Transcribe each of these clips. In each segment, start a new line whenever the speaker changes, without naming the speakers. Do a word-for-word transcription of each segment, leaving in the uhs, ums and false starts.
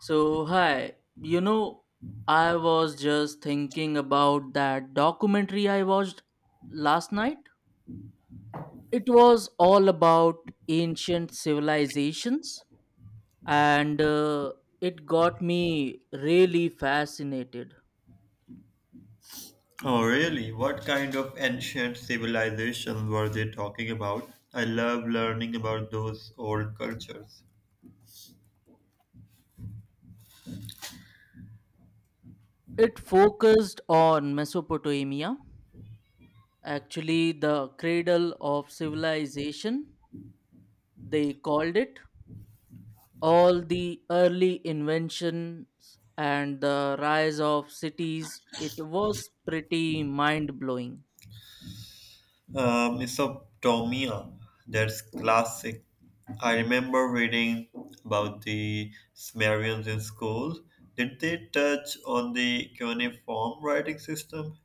So, hi, you know, I was just thinking about that documentary I watched last night. It was all about ancient civilizations, and uh, it got me really fascinated.
Oh, really? What kind of ancient civilization were they talking about? I love learning about those old cultures.
It focused on Mesopotamia, actually, the cradle of civilization, they called it. All the early inventions and the rise of cities, it was pretty mind blowing.
Uh, Mesopotamia, that's classic. I remember reading about the Sumerians in school. Did they touch on the cuneiform writing system?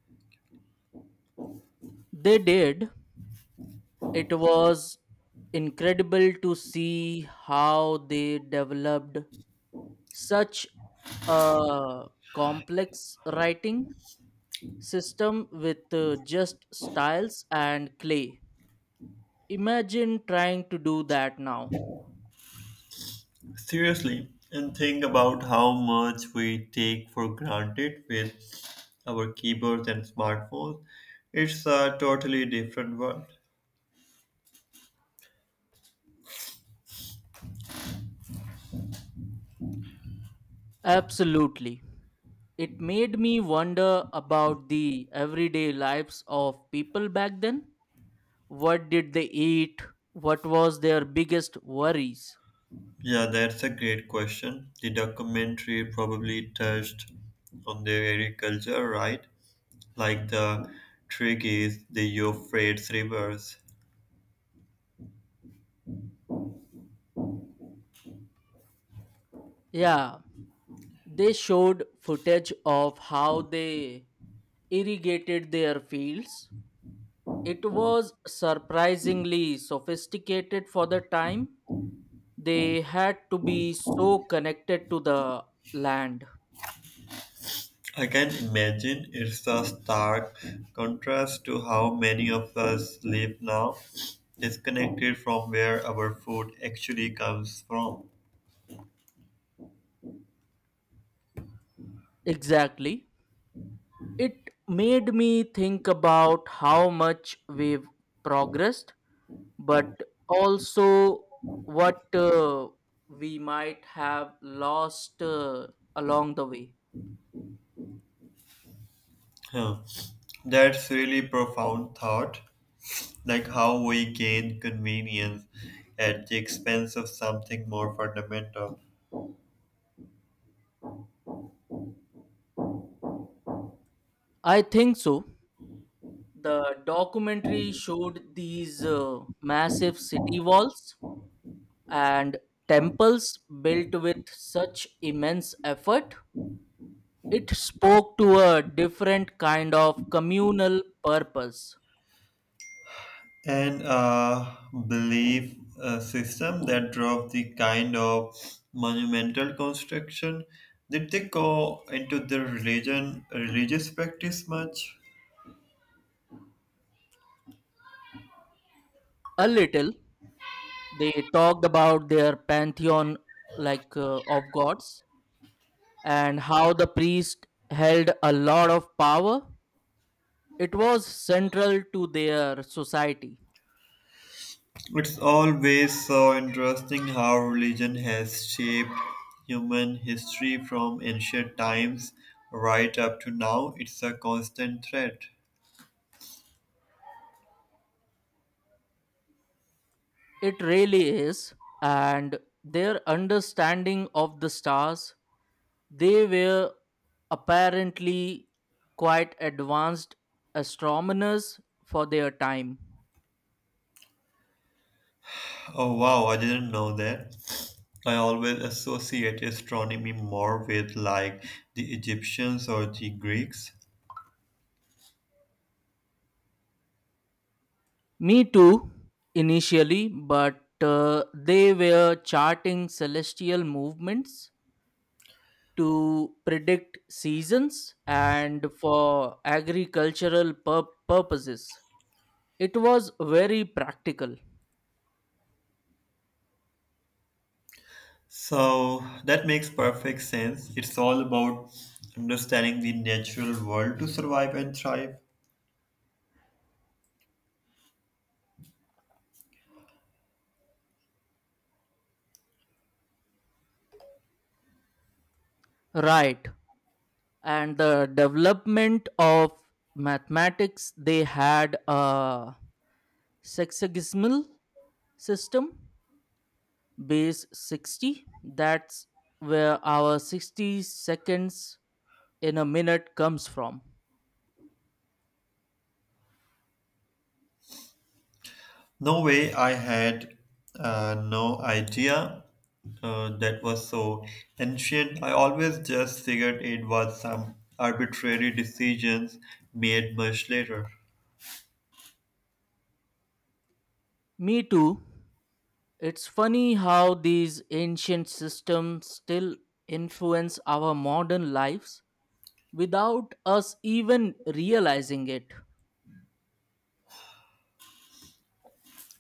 They did. It was incredible to see how they developed such a complex writing system with uh, just styles and clay. Imagine trying to do that now.
Seriously, and think about how much we take for granted with our keyboards and smartphones. It's a totally different world.
Absolutely. It made me wonder about the everyday lives of people back then. What did they eat? What was their biggest worries?
Yeah, that's a great question. The documentary probably touched on the agriculture, right? Like the trick is the Euphrates rivers.
Yeah, they showed footage of how they irrigated their fields. It was surprisingly sophisticated for the time. They had to be so connected to the land.
I can imagine it's a stark contrast to how many of us live now, disconnected from where our food actually comes from.
Exactly. It made me think about how much we've progressed, but also what uh, we might have lost uh, along the way.
Huh. That's really profound thought, like how we gain convenience at the expense of something more fundamental.
I think so. The documentary showed these uh, massive city walls and temples, built with such immense effort. It spoke to a different kind of communal purpose.
And uh, belief uh, system that drove the kind of monumental construction. Did they go into the religion, religious practice much?
A little. They talked about their pantheon, like, uh, of gods, and how the priest held a lot of power. It was central to their society.
It's always so interesting how religion has shaped human history from ancient times right up to now. It's a constant threat.
It really is. And their understanding of the stars, they were apparently quite advanced astronomers for their time.
Oh wow, I didn't know that. I always associate astronomy more with like the Egyptians or the Greeks.
Me too, initially, but uh, they were charting celestial movements to predict seasons and for agricultural pur- purposes. It was very practical.
So that makes perfect sense. It's all about understanding the natural world to survive and thrive.
Right. And the development of mathematics, they had a sexagesmal system, base sixty. That's where our sixty seconds in a minute comes from.
No way, I had uh, no idea uh, that was so ancient. I always just figured it was some arbitrary decisions made much later.
Me too. It's funny how these ancient systems still influence our modern lives without us even realizing it.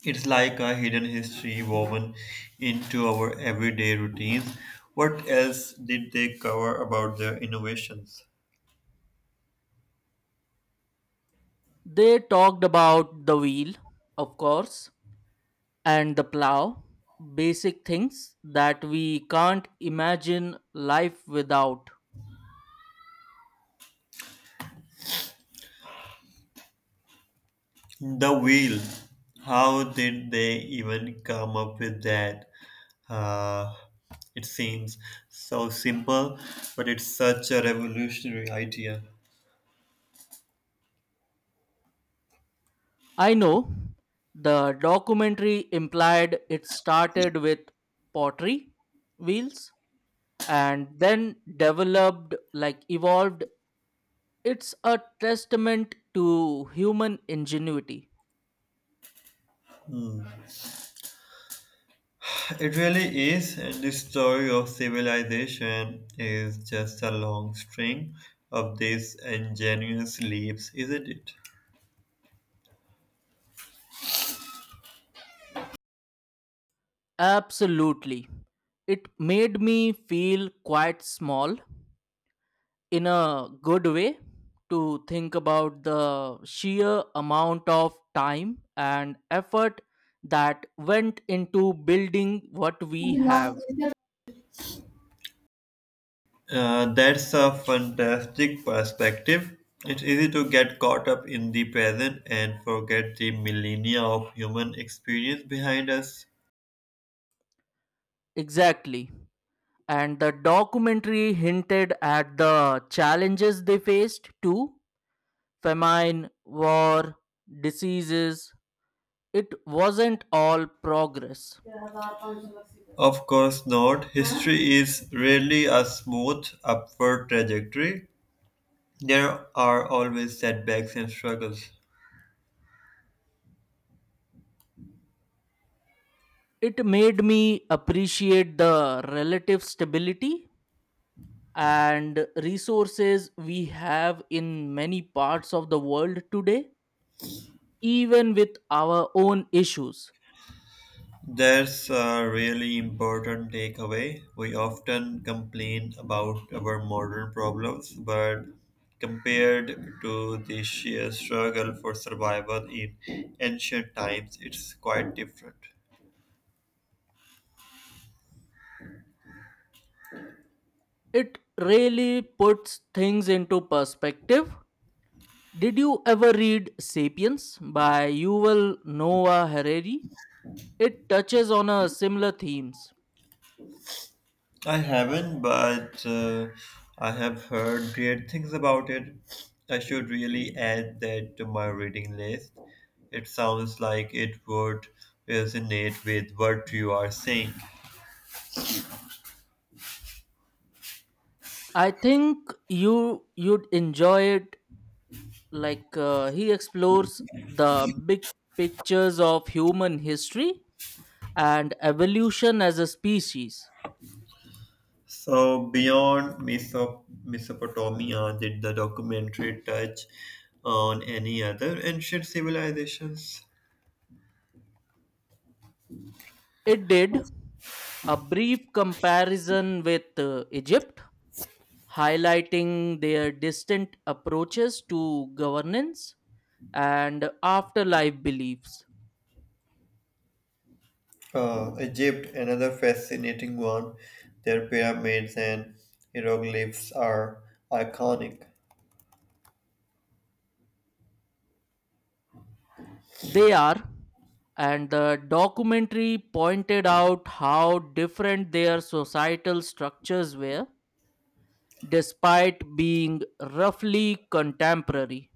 It's like a hidden history woven into our everyday routines. What else did they cover about their innovations?
They talked about the wheel, of course, and the plow, basic things that we can't imagine life without.
The wheel. How did they even come up with that? Uh, it seems so simple, but it's such a revolutionary idea.
I know. The documentary implied it started with pottery wheels and then developed, like, evolved. It's a testament to human ingenuity.
It really is, and the story of civilization is just a long string of these ingenious leaps, isn't
Absolutely. It made me feel quite small, in a good way, to think about the sheer amount of time and effort that went into building what we have.
it? Uh, that's a fantastic perspective. It's easy to get caught up in the present and forget the millennia of human experience behind us.
Exactly. And the documentary hinted at the challenges they faced too: famine, war, diseases. It wasn't all progress.
Of course not. History is rarely a smooth upward trajectory. There are always setbacks and struggles.
It made me appreciate the relative stability and resources we have in many parts of the world today, even with our own issues.
There's a really important takeaway. We often complain about our modern problems, but compared to the sheer struggle for survival in ancient times, it's quite different.
It really puts things into perspective. Did you ever read Sapiens by Yuval Noah Harari? It touches on a similar themes.
I haven't, but uh, I have heard great things about it. I should really add that to my reading list. It sounds like it would resonate with what you are saying.
I think you you'd enjoy it. Like uh, he explores the big pictures of human history and evolution as a species.
So beyond Meso- Mesopotamia, did the documentary touch on any other ancient civilizations?
It did a brief comparison with uh, Egypt, highlighting their distant approaches to governance and afterlife beliefs.
Uh, Egypt, another fascinating one. Their pyramids and hieroglyphs are iconic.
They are, and the documentary pointed out how different their societal structures were despite being roughly contemporary.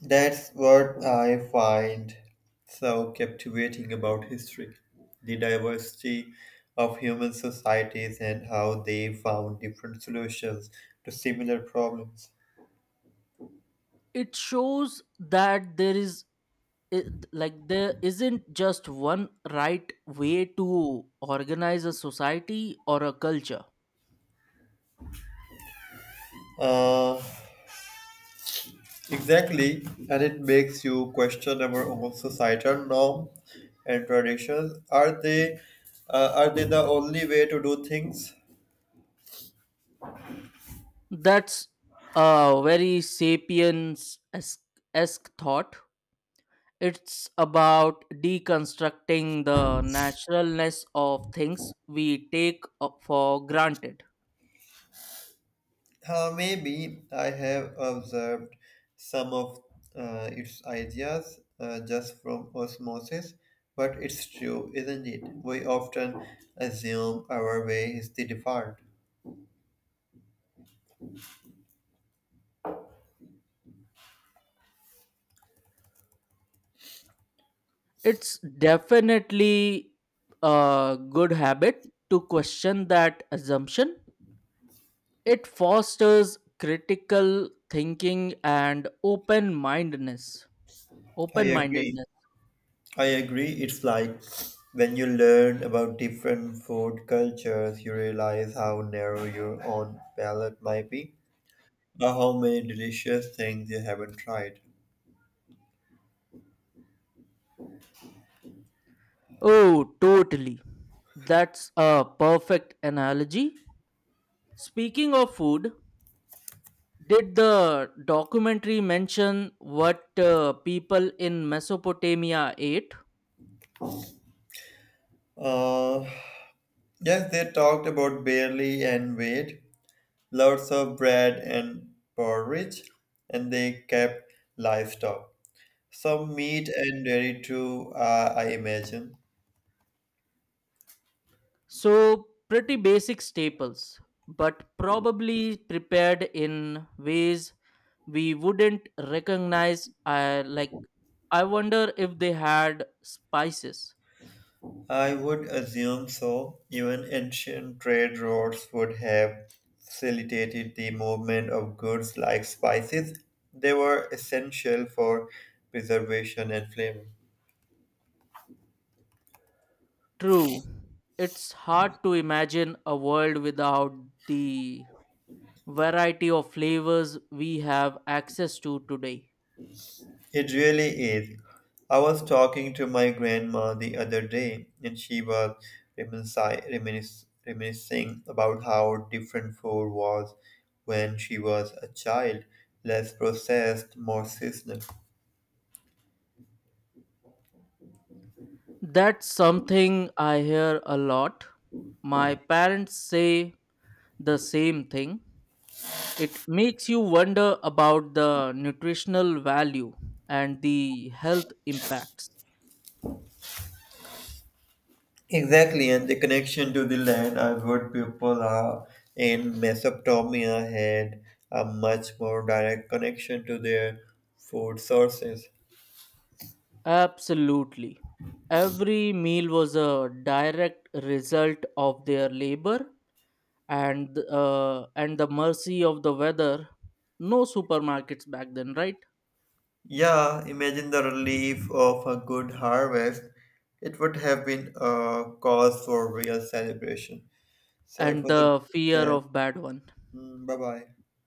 That's what I find so captivating about history, the diversity of human societies and how they found different solutions to similar problems.
It shows that there is i- like there isn't just one right way to organize a society or a culture.
Uh, Exactly, and it makes you question our own societal norms and traditions. Are they uh, are they the only way to do things?
That's a very Sapiens esque thought. It's about deconstructing the naturalness of things we take uh, for granted.
Uh, maybe I have observed some of uh, its ideas uh, just from osmosis, but it's true, isn't it? We often assume our way is the default.
It's definitely a good habit to question that assumption. It fosters critical thinking and open mindedness.
I
Open
agree.
mindedness.
I agree. It's like when you learn about different food cultures, you realize how narrow your own palate might be, or how many delicious things you haven't tried.
Oh, totally. That's a perfect analogy. Speaking of food, did the documentary mention what uh, people in Mesopotamia ate?
Uh, yes, they talked about barley and wheat, lots of bread and porridge, and they kept livestock. Some meat and dairy too, uh, I imagine.
So, pretty basic staples, but probably prepared in ways we wouldn't recognize. I like, I wonder if they had spices.
I would assume so. Even ancient trade routes would have facilitated the movement of goods like spices. They were essential for preservation and flavor.
True, it's hard to imagine a world without the variety of flavors we have access to today.
It really is. I was talking to my grandma the other day, and she was reminisci- reminis- reminiscing about how different food was when she was a child, less processed, more seasonal.
That's something I hear a lot. My parents say the same thing. It makes you wonder about the nutritional value and the health impacts.
Exactly, and the connection to the land. I've heard people uh, in Mesopotamia had a much more direct connection to their food sources.
Absolutely. Every meal was a direct result of their labor and uh, and the mercy of the weather. No supermarkets back then, right?
Yeah, imagine the relief of a good harvest. It would have been a cause for real celebration. So it
And
was a good
the fear
chat.
of bad one.
Bye bye.